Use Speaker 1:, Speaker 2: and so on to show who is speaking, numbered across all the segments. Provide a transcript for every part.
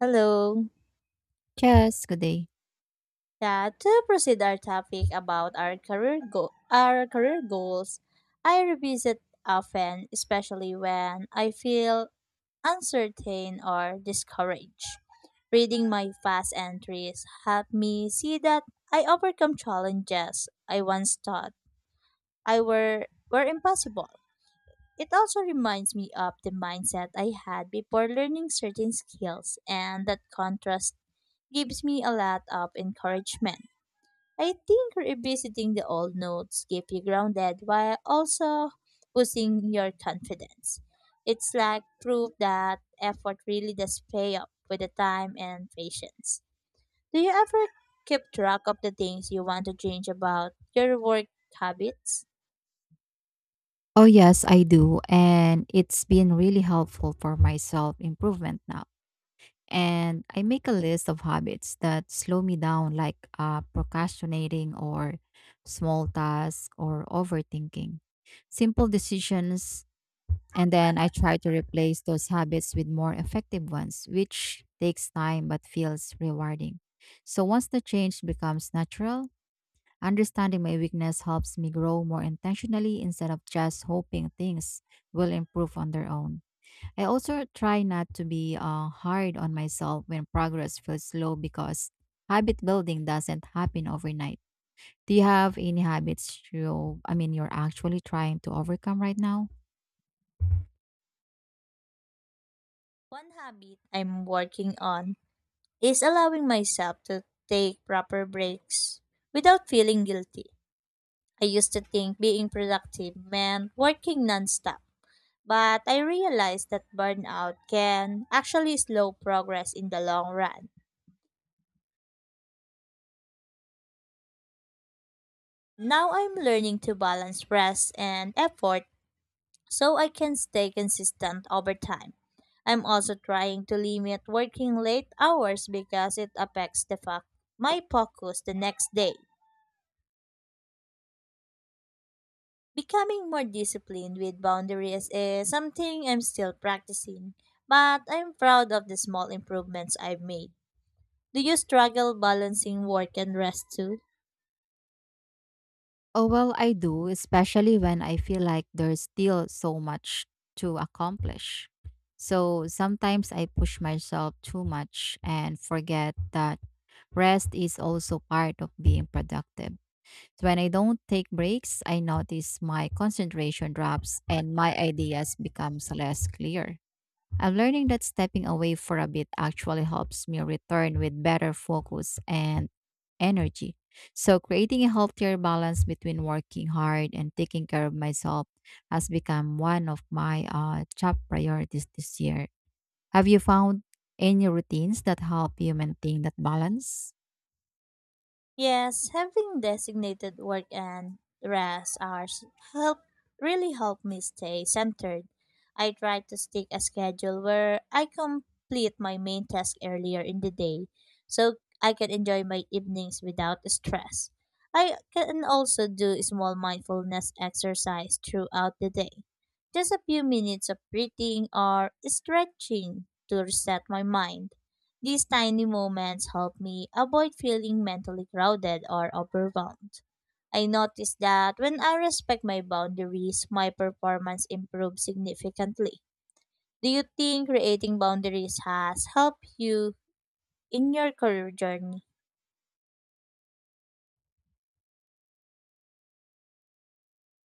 Speaker 1: Hello.
Speaker 2: Yes, good day.
Speaker 1: Yeah, to proceed our topic about our our career goals, I revisit often, especially when I feel uncertain or discouraged. Reading my past entries helped me see that I overcome challenges I once thought I were impossible. It also reminds me of the mindset I had before learning certain skills, and that contrast gives me a lot of encouragement. I think revisiting the old notes keep you grounded while also boosting your confidence. It's like proof that effort really does pay off with the time and patience. Do you ever keep track of the things you want to change about your work habits?
Speaker 2: Oh, yes, I do. And it's been really helpful for my self improvement now. And I make a list of habits that slow me down, like procrastinating or small tasks or overthinking, simple decisions. And then I try to replace those habits with more effective ones, which takes time but feels rewarding. So once the change becomes natural, understanding my weakness helps me grow more intentionally instead of just hoping things will improve on their own. I also try not to be hard on myself when progress feels slow because habit building doesn't happen overnight. Do you have any habits you're actually trying to overcome right now?
Speaker 1: One habit I'm working on is allowing myself to take proper breaks without feeling guilty. I used to think being productive meant working nonstop. But I realized that burnout can actually slow progress in the long run. Now I'm learning to balance rest and effort so I can stay consistent over time. I'm also trying to limit working late hours because it affects the fact my focus the next day. Becoming more disciplined with boundaries is something I'm still practicing, but I'm proud of the small improvements I've made. Do you struggle balancing work and rest too?
Speaker 2: Oh, well, I do, especially when I feel like there's still so much to accomplish. So sometimes I push myself too much and forget that rest is also part of being productive. So when I don't take breaks, I notice my concentration drops and my ideas becomes less clear. I'm learning that stepping away for a bit actually helps me return with better focus and energy. So creating a healthier balance between working hard and taking care of myself has become one of my top priorities this year. Have you found any routines that help you maintain that balance?
Speaker 1: Yes, having designated work and rest hours help really help me stay centered. I try to stick a schedule where I complete my main task earlier in the day so I can enjoy my evenings without stress. I can also do small mindfulness exercise throughout the day. Just a few minutes of breathing or stretching to reset my mind. These tiny moments help me avoid feeling mentally crowded or overwhelmed. I notice that when I respect my boundaries, my performance improves significantly. Do you think creating boundaries has helped you in your career journey?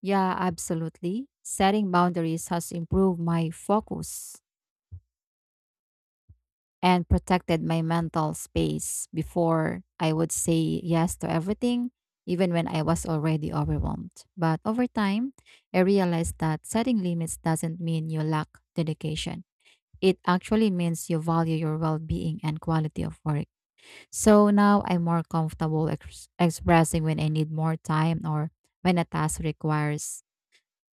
Speaker 2: Yeah, absolutely. Setting boundaries has improved my focus and protected my mental space before I would say yes to everything, even when I was already overwhelmed. But over time, I realized that setting limits doesn't mean you lack dedication. It actually means you value your well being and quality of work. So now I'm more comfortable expressing when I need more time or when a task requires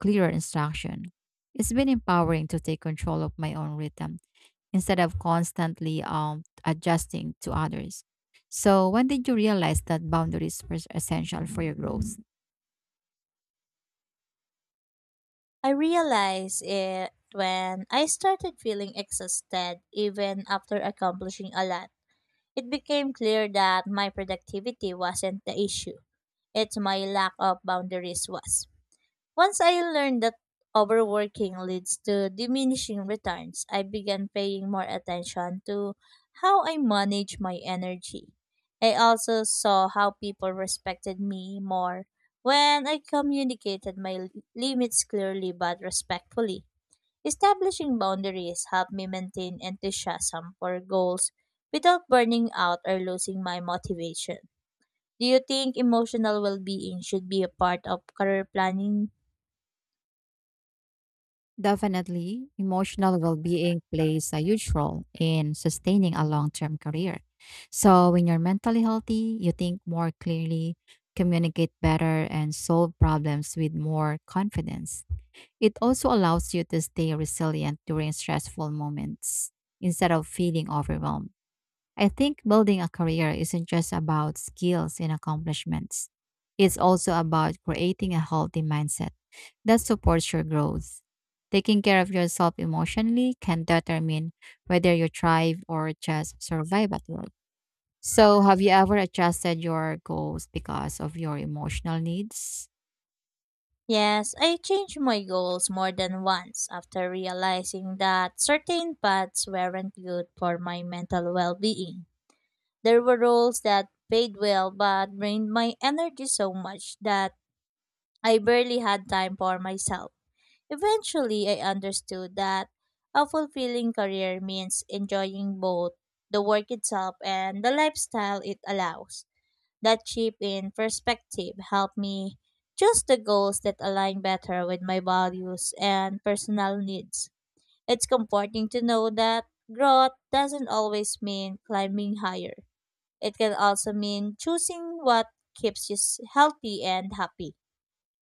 Speaker 2: clearer instruction. It's been empowering to take control of my own rhythm instead of constantly adjusting to others. So, when did you realize that boundaries were essential for your growth?
Speaker 1: I realized it when I started feeling exhausted even after accomplishing a lot. It became clear that my productivity wasn't the issue. It's my lack of boundaries was. Once I learned that overworking leads to diminishing returns, I began paying more attention to how I manage my energy. I also saw how people respected me more when I communicated limits clearly but respectfully. Establishing boundaries helped me maintain enthusiasm for goals without burning out or losing my motivation. Do you think emotional well being should be a part of career planning?
Speaker 2: Definitely, emotional well being plays a huge role in sustaining a long term career. So, when you're mentally healthy, you think more clearly, communicate better, and solve problems with more confidence. It also allows you to stay resilient during stressful moments instead of feeling overwhelmed. I think building a career isn't just about skills and accomplishments. It's also about creating a healthy mindset that supports your growth. Taking care of yourself emotionally can determine whether you thrive or just survive at work. So, have you ever adjusted your goals because of your emotional needs?
Speaker 1: Yes, I changed my goals more than once after realizing that certain paths weren't good for my mental well being. There were roles that paid well but drained my energy so much that I barely had time for myself. Eventually, I understood that a fulfilling career means enjoying both the work itself and the lifestyle it allows. That shift in perspective helped me choose the goals that align better with my values and personal needs. It's comforting to know that growth doesn't always mean climbing higher. It can also mean choosing what healthy and happy.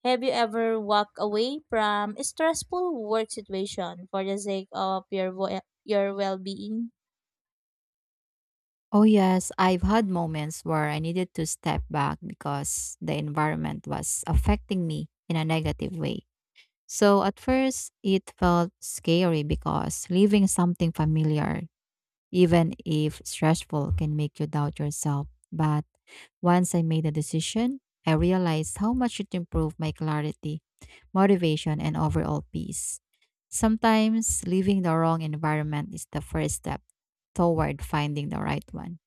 Speaker 1: Have you ever walked away from a stressful work situation for the sake of your well-being?
Speaker 2: Oh, yes, I've had moments where I needed to step back because the environment was affecting me in a negative way. So at first, it felt scary because leaving something familiar, even if stressful, can make you doubt yourself. But once I made a decision, I realized how much it improved my clarity, motivation, and overall peace. Sometimes leaving the wrong environment is the first step toward finding the right one.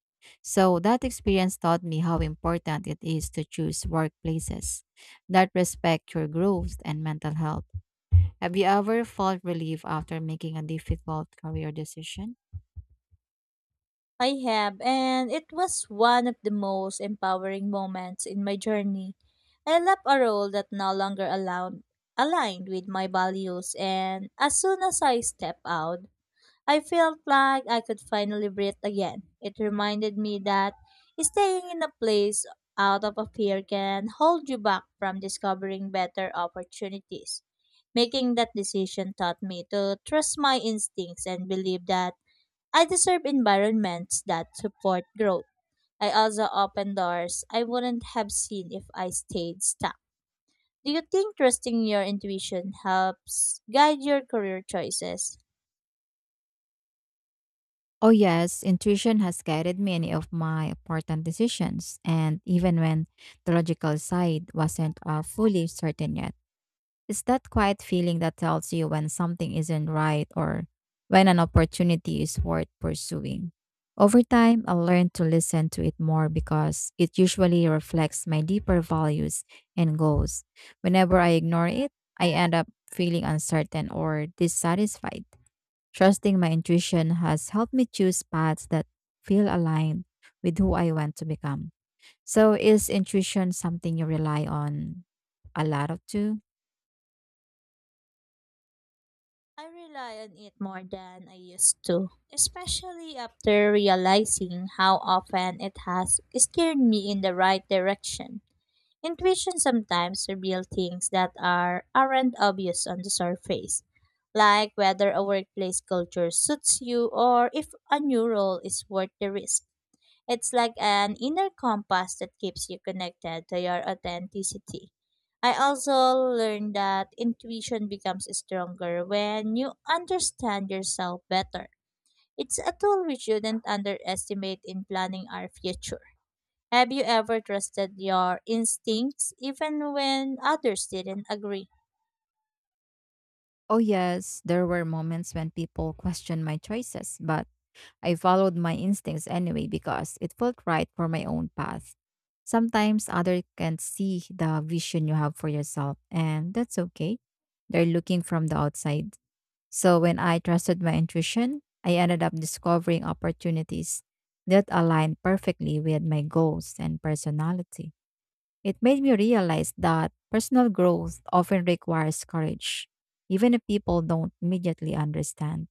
Speaker 2: So that experience taught me how important it is to choose workplaces that respect your growth and mental health. Have you ever felt relief after making a difficult career decision?
Speaker 1: I have, and it was one of the most empowering moments in my journey. I left a role that no longer allowed, aligned with my values, and as soon as I stepped out, I felt like I could finally breathe again. It reminded me that staying in a place out of a fear can hold you back from discovering better opportunities. Making that decision taught me to trust my instincts and believe that I deserve environments that support growth. I also open doors I wouldn't have seen if I stayed stuck. Do you think trusting your intuition helps guide your career choices?
Speaker 2: Oh, yes, intuition has guided many of my important decisions, and even when the logical side wasn't fully certain yet. It's that quiet feeling that tells you when something isn't right or when an opportunity is worth pursuing. Over time, I learned to listen to it more because it usually reflects my deeper values and goals. Whenever I ignore it, I end up feeling uncertain or dissatisfied. Trusting my intuition has helped me choose paths that feel aligned with who I want to become. So, is intuition something you rely on a lot of too?
Speaker 1: I rely on it more than I used to, especially after realizing how often it has steered me in the right direction. Intuition sometimes reveals things that are aren't obvious on the surface, like whether a workplace culture suits you or if a new role is worth the risk. It's like an inner compass that keeps you connected to your authenticity. I also learned that intuition becomes stronger when you understand yourself better. It's a tool we shouldn't underestimate in planning our future. Have you ever trusted your instincts even when others didn't agree?
Speaker 2: Oh, yes, there were moments when people questioned my choices, but I followed my instincts anyway because it felt right for my own path. Sometimes others can see the vision you have for yourself, and that's okay. They're looking from the outside. So when I trusted my intuition, I ended up discovering opportunities that aligned perfectly with my goals and personality. It made me realize that personal growth often requires courage, even if people don't immediately understand.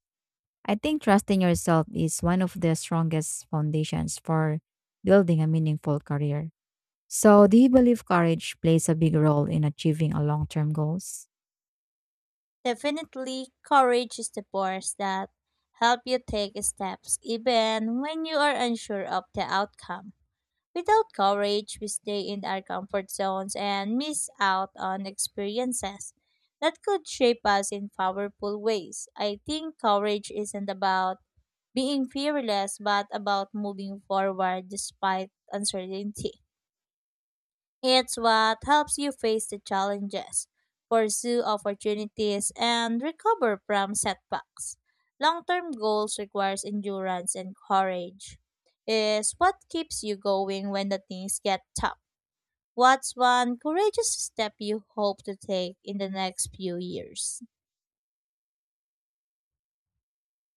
Speaker 2: I think trusting yourself is one of the strongest foundations for building a meaningful career. So, do you believe courage plays a big role in achieving a long-term goals?
Speaker 1: Definitely, courage is the force that help you take steps even when you are unsure of the outcome. Without courage, we stay in our comfort zones and miss out on experiences that could shape us in powerful ways. I think courage isn't about being fearless, but about moving forward despite uncertainty. It's what helps you face the challenges, pursue opportunities, and recover from setbacks. Long term goals requires endurance and courage. Is what keeps you going when the things get tough. What's one courageous step you hope to take in the next few years?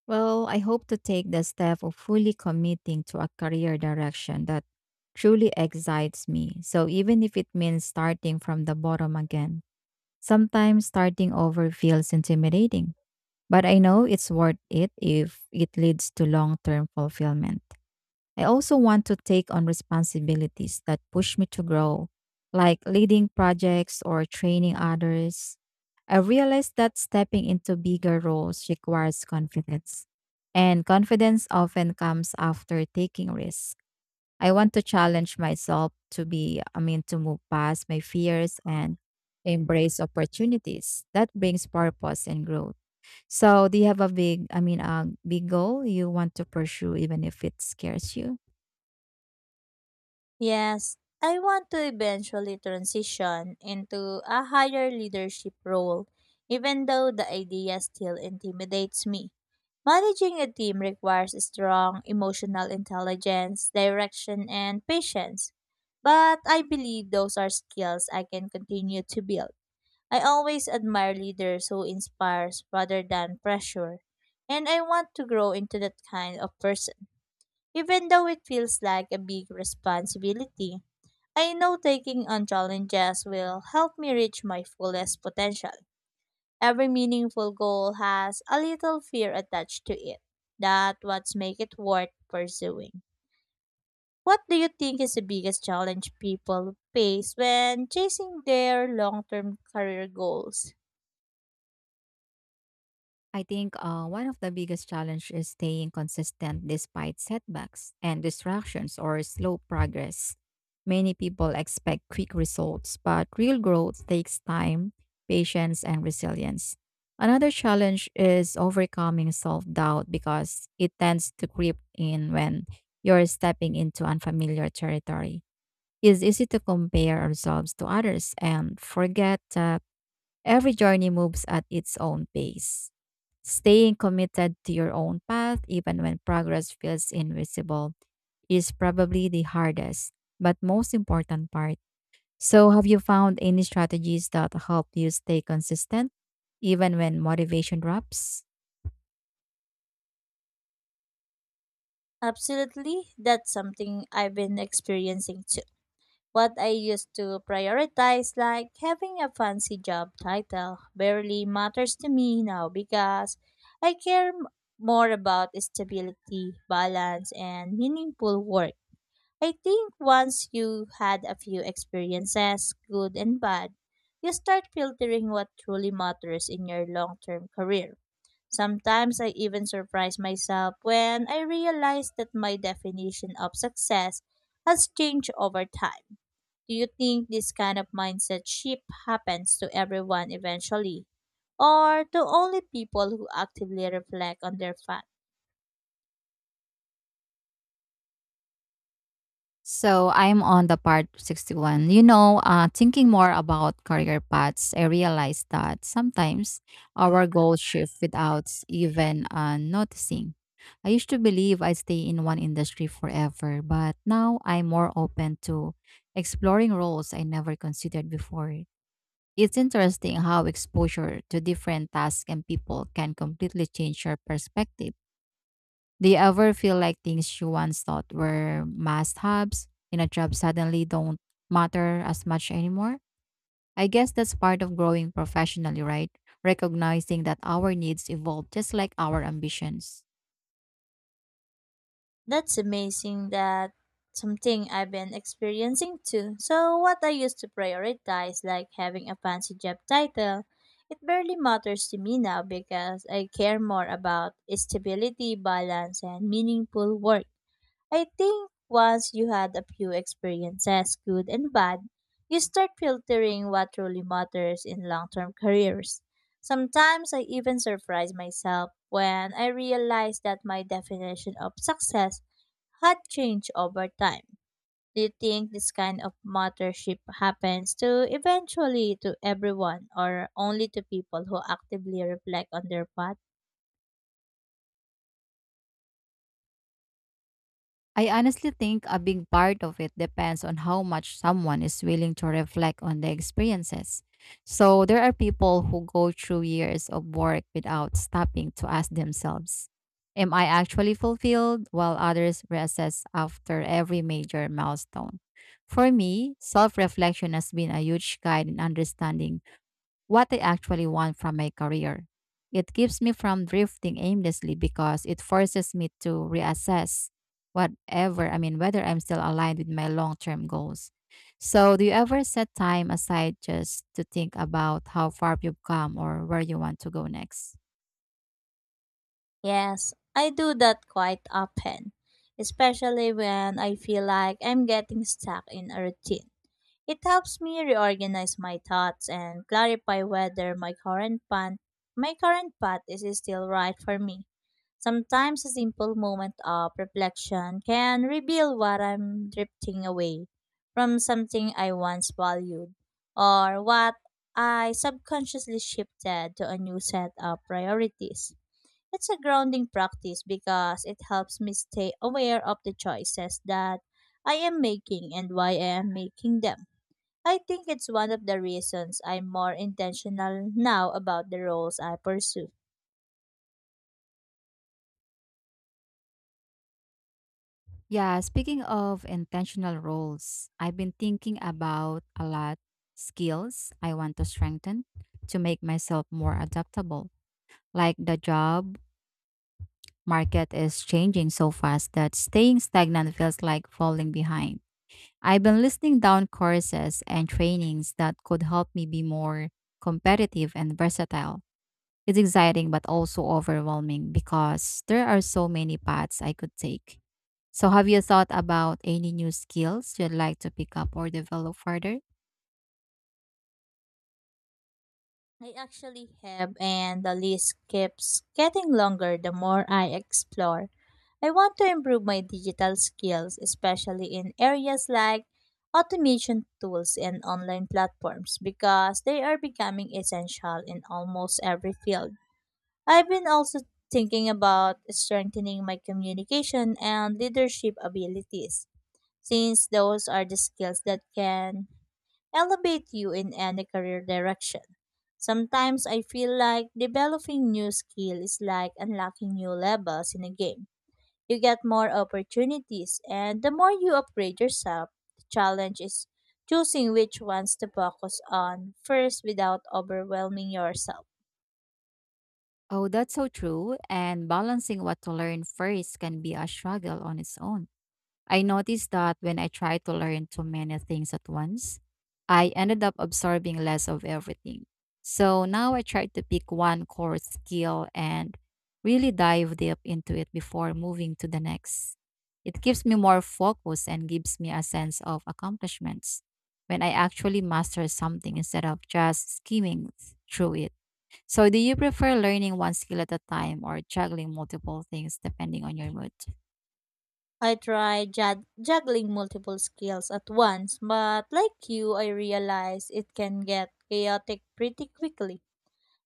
Speaker 2: Well, I hope to take the step of fully committing to a career direction that truly excites me. So, even if it means starting from the bottom again, sometimes starting over feels intimidating, but I know it's worth it if it leads to long term fulfillment. I also want to take on responsibilities that push me to grow, like leading projects or training others. I realized that stepping into bigger roles requires confidence, and confidence often comes after taking risks. I want to challenge myself to be, I mean, to move past my fears and embrace opportunities that brings purpose and growth. So, do you have a big goal you want to pursue, even if it scares you?
Speaker 1: Yes, I want to eventually transition into a higher leadership role, even though the idea still intimidates me. Managing a team requires strong emotional intelligence, direction, and patience. But I believe those are skills I can continue to build. I always admire leaders who inspires rather than pressure, and I want to grow into that kind of person, even though it feels like a big responsibility. I know taking on challenges will help me reach my fullest potential. Every meaningful goal has a little fear attached to it. That's what's make it worth pursuing. What do you think is the biggest challenge people face when chasing their long-term career goals?
Speaker 2: I think one of the biggest challenges is staying consistent despite setbacks and distractions or slow progress. Many people expect quick results, but real growth takes time, patience, and resilience. Another challenge is overcoming self doubt because it tends to creep in when you're stepping into unfamiliar territory. It's easy to compare ourselves to others and forget that every journey moves at its own pace. Staying committed to your own path, even when progress feels invisible, is probably the hardest, but most important part. So, have you found any strategies that help you stay consistent, even when motivation drops?
Speaker 1: Absolutely, that's something I've been experiencing too. What I used to prioritize, like having a fancy job title, barely matters to me now because I care m- more about stability, balance, and meaningful work. I think once you had a few experiences, good and bad, you start filtering what truly matters in your long term career. Sometimes I even surprise myself when I realize that my definition of success has changed over time. Do you think this kind of mindset shift happens to everyone eventually, or to only people who actively reflect on their fat?
Speaker 2: So I'm on the part 61. You know, thinking more about career paths, I realized that sometimes our goals shift without even noticing. I used to believe I'd stay in one industry forever, but now I'm more open to exploring roles I never considered before. It's interesting how exposure to different tasks and people can completely change your perspective. Do you ever feel like things you once thought were must haves in a job suddenly don't matter as much anymore? I guess that's part of growing professionally, right? Recognizing that our needs evolve just like our ambitions.
Speaker 1: That's amazing that something I've been experiencing too. So, what I used to prioritize, like having a fancy job title, it barely matters to me now because I care more about stability, balance, and meaningful work. I think once you had a few experiences, good and bad, you start filtering what truly matters in long term careers. Sometimes I even surprise myself when I realize that my definition of success had changed over time. Do you think this kind of mentorship happens to eventually to everyone or only to people who actively reflect on their path?
Speaker 2: I honestly think a big part of it depends on how much someone is willing to reflect on their experiences. So there are people who go through years of work without stopping to ask themselves, am I actually fulfilled? While others reassess after every major milestone. For me, self reflection has been a huge guide in understanding what I actually want from my career. It keeps me from drifting aimlessly because it forces me to reassess whether I'm still aligned with my long term goals. So, do you ever set time aside just to think about how far you've come or where you want to go next?
Speaker 1: Yes, I do that quite often, especially when I feel like I'm getting stuck in a routine. It helps me reorganize my thoughts and clarify whether my current path is still right for me. Sometimes a simple moment of reflection can reveal what I'm drifting away from something I once valued or what I subconsciously shifted to a new set of priorities. It's a grounding practice because it helps me stay aware of the choices that I am making and why I am making them. I think it's one of the reasons I'm more intentional now about the roles I pursue.
Speaker 2: Yeah, speaking of intentional roles, I've been thinking about a lot skills I want to strengthen to make myself more adaptable, like the job market is changing so fast that staying stagnant feels like falling behind. I've been listing down courses and trainings that could help me be more competitive and versatile. It's exciting but also overwhelming because there are so many paths I could take. So, have you thought about any new skills you'd like to pick up or develop further?
Speaker 1: I actually have, and the list keeps getting longer the more I explore I want to improve my digital skills, especially in areas like automation tools and online platforms, because they are becoming essential in almost every field. I've been also thinking about strengthening my communication and leadership abilities, since those are the skills that can elevate you in any career direction. Sometimes I feel like developing new skill is like unlocking new levels in a game you get more opportunities, and the more you upgrade yourself, the challenge is choosing which ones to focus on first without overwhelming yourself.
Speaker 2: Oh, that's so true. And balancing what to learn first can be a struggle on its own. I noticed that when I tried to learn too many things at once, I ended up absorbing less of everything. So now I try to pick one core skill and really dive deep into it before moving to the next. It gives me more focus and gives me a sense of accomplishments when I actually master something instead of just skimming through it. So, do you prefer learning one skill at a time or juggling multiple things depending on your mood?
Speaker 1: I tried juggling multiple skills at once, but like you, I realized it can get chaotic pretty quickly.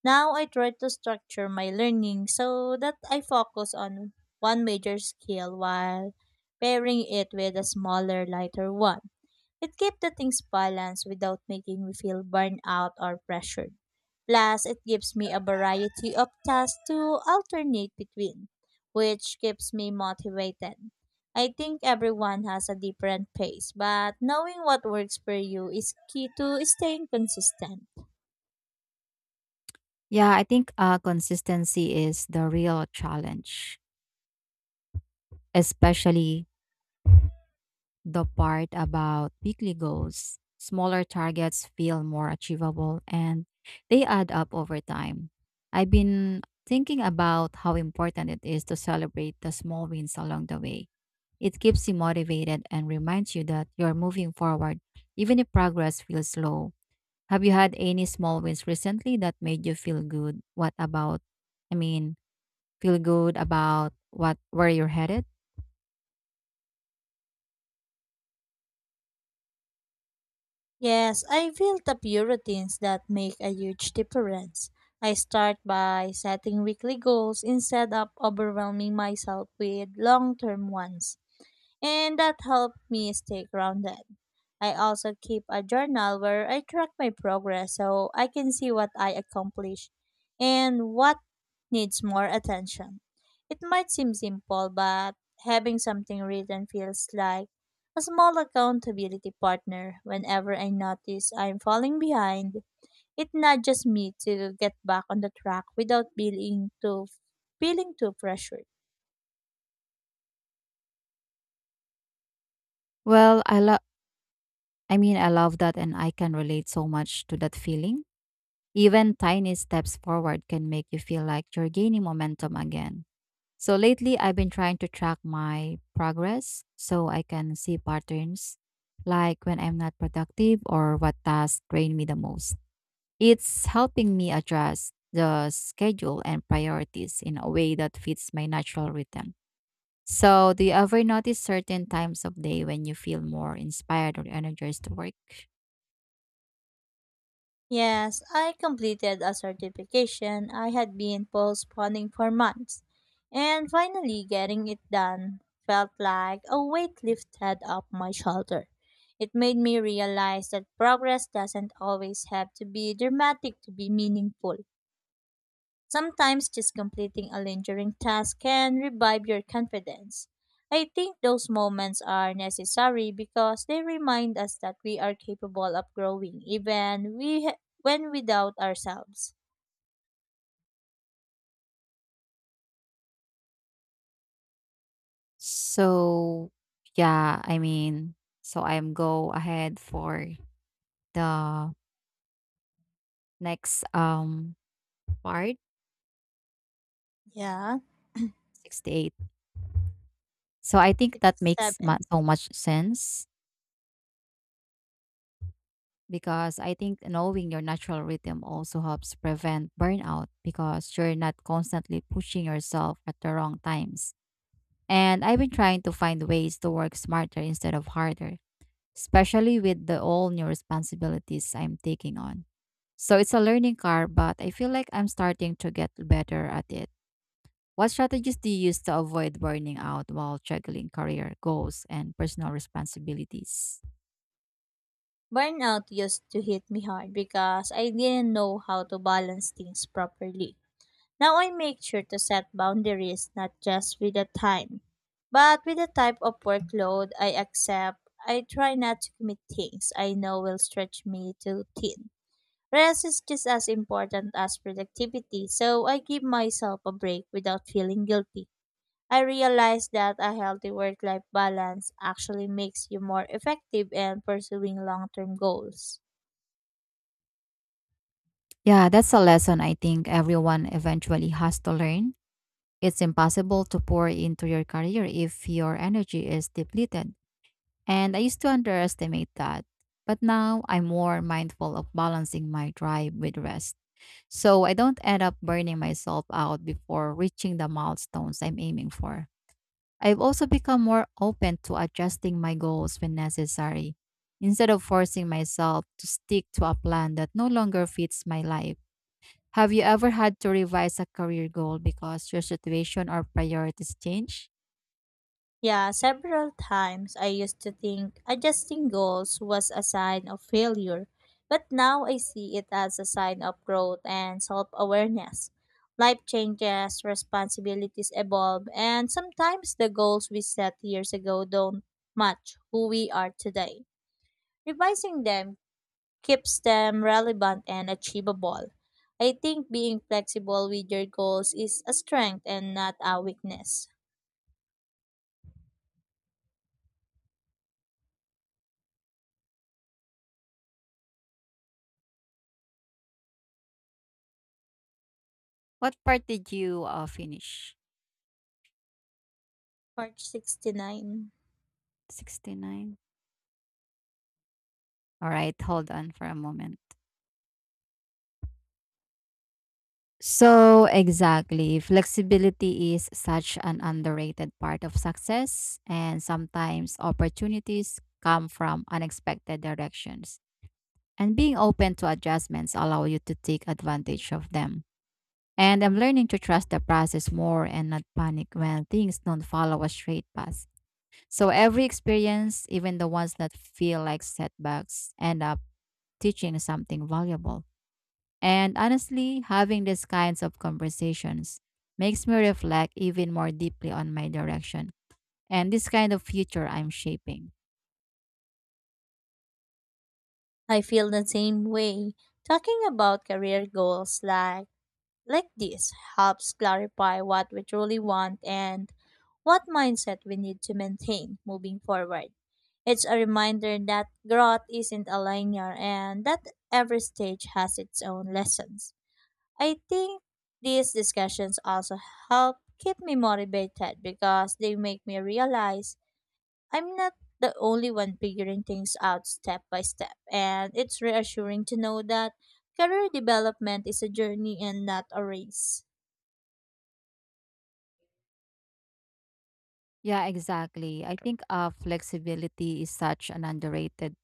Speaker 1: Now I try to structure my learning so that I focus on one major skill while pairing it with a smaller, lighter one. It keeps the things balanced without making me feel burned out or pressured. Plus, it gives me a variety of tasks to alternate between, which keeps me motivated. I think everyone has a different pace, but knowing what works for you is key to staying consistent.
Speaker 2: Yeah, I think consistency is the real challenge, especially the part about weekly goals. Smaller targets feel more achievable and they add up over time. I've been thinking about how important it is to celebrate the small wins along the way. It keeps you motivated and reminds you that you're moving forward, even if progress feels slow. Have you had any small wins recently that made you feel good? What about, I mean, Feel good about what where you're headed?
Speaker 1: Yes, I built up routines that make a huge difference. I start by setting weekly goals instead of overwhelming myself with long term ones and that helped me stay grounded. I also keep a journal where I track my progress so I can see what I accomplish and what needs more attention. It might seem simple, but having something written feels like a small accountability partner. Whenever I notice I'm falling behind, it nudges me to get back on the track without feeling too pressured.
Speaker 2: Well, I love that and I can relate so much to that feeling. Even tiny steps forward can make you feel like you're gaining momentum again. So lately I've been trying to track my progress so I can see patterns like when I'm not productive or what tasks drain me the most. It's helping me adjust the schedule and priorities in a way that fits my natural rhythm. So, do you ever notice certain times of day when you feel more inspired or energized to work?
Speaker 1: Yes, I completed a certification I had been postponing for months, and finally getting it done felt like a weight lifted off my shoulder. It made me realize that progress doesn't always have to be dramatic to be meaningful. Sometimes just completing a lingering task can revive your confidence. I think those moments are necessary because they remind us that we are capable of growing even we when without ourselves.
Speaker 2: So, yeah, I mean, so I'm go ahead for the next part
Speaker 1: Yeah.
Speaker 2: 68. So I think
Speaker 1: Six,
Speaker 2: that makes
Speaker 1: seven.
Speaker 2: so much sense because I think knowing your natural rhythm also helps prevent burnout because you're not constantly pushing yourself at the wrong times. And I've been trying to find ways to work smarter instead of harder, especially with the all new responsibilities I'm taking on. So it's a learning curve, but I feel like I'm starting to get better at it. What strategies do you use to avoid burning out while juggling career goals and personal responsibilities?
Speaker 1: Burnout used to hit me hard because I didn't know how to balance things properly. Now I make sure to set boundaries not just with the time, but with the type of workload I accept. I try not to commit things I know will stretch me too thin. Rest is just as important as productivity, so I give myself a break without feeling guilty. I realize that a healthy work life balance actually makes you more effective in pursuing long term goals.
Speaker 2: Yeah, that's a lesson I think everyone eventually has to learn. It's impossible to pour into your career if your energy is depleted. And I used to underestimate that. But now I'm more mindful of balancing my drive with rest. So I don't end up burning myself out before reaching the milestones I'm aiming for. I've also become more open to adjusting my goals when necessary, instead of forcing myself to stick to a plan that no longer fits my life. Have you ever had to revise a career goal because your situation or priorities change?
Speaker 1: Yeah, several times I used to think adjusting goals was a sign of failure, but now I see it as a sign of growth and self awareness. Life changes, responsibilities evolve, and sometimes the goals we set years ago don't match who we are today. Revising them keeps them relevant and achievable. I think being flexible with your goals is a strength and not a weakness.
Speaker 2: What part did you finish?
Speaker 1: Part 69.
Speaker 2: 69? All right, hold on for a moment. So, exactly, flexibility is such an underrated part of success, and sometimes opportunities come from unexpected directions. And being open to adjustments allow you to take advantage of them. And I'm learning to trust the process more and not panic when things don't follow a straight path. So every experience, even the ones that feel like setbacks, end up teaching something valuable. And honestly, having these kinds of conversations makes me reflect even more deeply on my direction and this kind of future I'm shaping.
Speaker 1: I feel the same way. Talking about career goals like this helps clarify what we truly want and what mindset we need to maintain moving forward. It's a reminder that growth isn't a linear and that every stage has its own lessons. I think these discussions also help keep me motivated because they make me realize I'm not the only one figuring things out step by step, and it's reassuring to know that career development is a journey and not a race.
Speaker 2: Yeah, exactly. I think flexibility is such an underrated.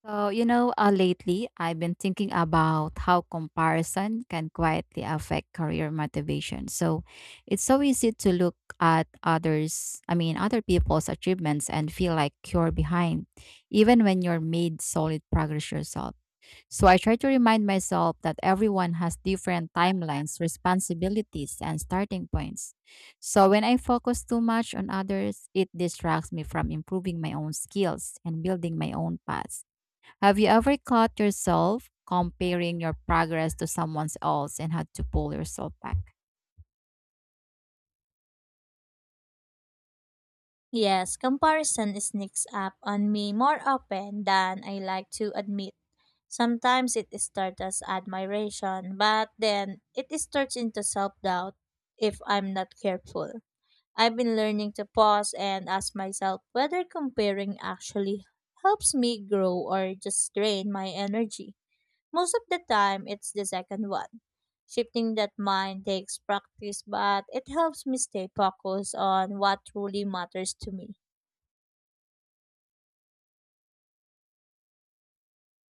Speaker 2: So, you know, lately I've been thinking about how comparison can quietly affect career motivation. So, it's so easy to look at other people's achievements and feel like you're behind, even when you're made solid progress yourself. So, I try to remind myself that everyone has different timelines, responsibilities, and starting points. So, when I focus too much on others, it distracts me from improving my own skills and building my own path. Have you ever caught yourself comparing your progress to someone else and had to pull yourself back?
Speaker 1: Yes, comparison sneaks up on me more often than I like to admit. Sometimes it starts as admiration, but then it starts into self doubt if I'm not careful. I've been learning to pause and ask myself whether comparing actually helps me grow or just drain my energy. Most of the time, it's the second one. Shifting that mind takes practice, but it helps me stay focused on what truly matters to me.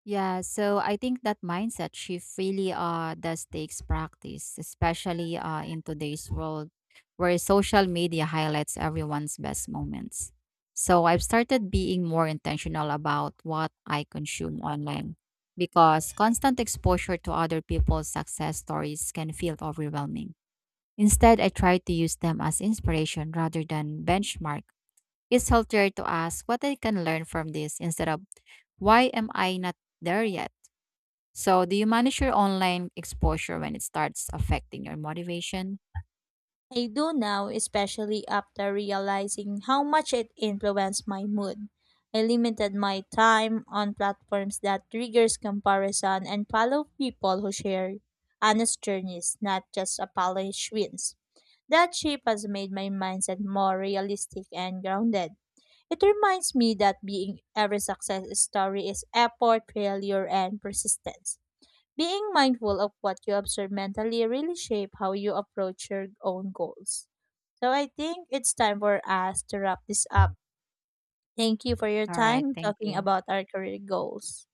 Speaker 2: Yeah, so I think that mindset shift really does takes practice, especially in today's world where social media highlights everyone's best moments. So I've started being more intentional about what I consume online because constant exposure to other people's success stories can feel overwhelming. Instead, I try to use them as inspiration rather than benchmark. It's healthier to ask what I can learn from this instead of why am I not there yet? So, do you manage your online exposure when it starts affecting your motivation?
Speaker 1: I do now, especially after realizing how much it influenced my mood. I limited my time on platforms that triggers comparison and follow people who share honest journeys, not just apology wins. That shape has made my mindset more realistic and grounded. It reminds me that being every success story is effort, failure, and persistence. Being mindful of what you observe mentally really shape how you approach your own goals. So I think it's time for us to wrap this up. Thank you for your
Speaker 2: All right,
Speaker 1: time
Speaker 2: thank
Speaker 1: talking
Speaker 2: you.
Speaker 1: about our career goals.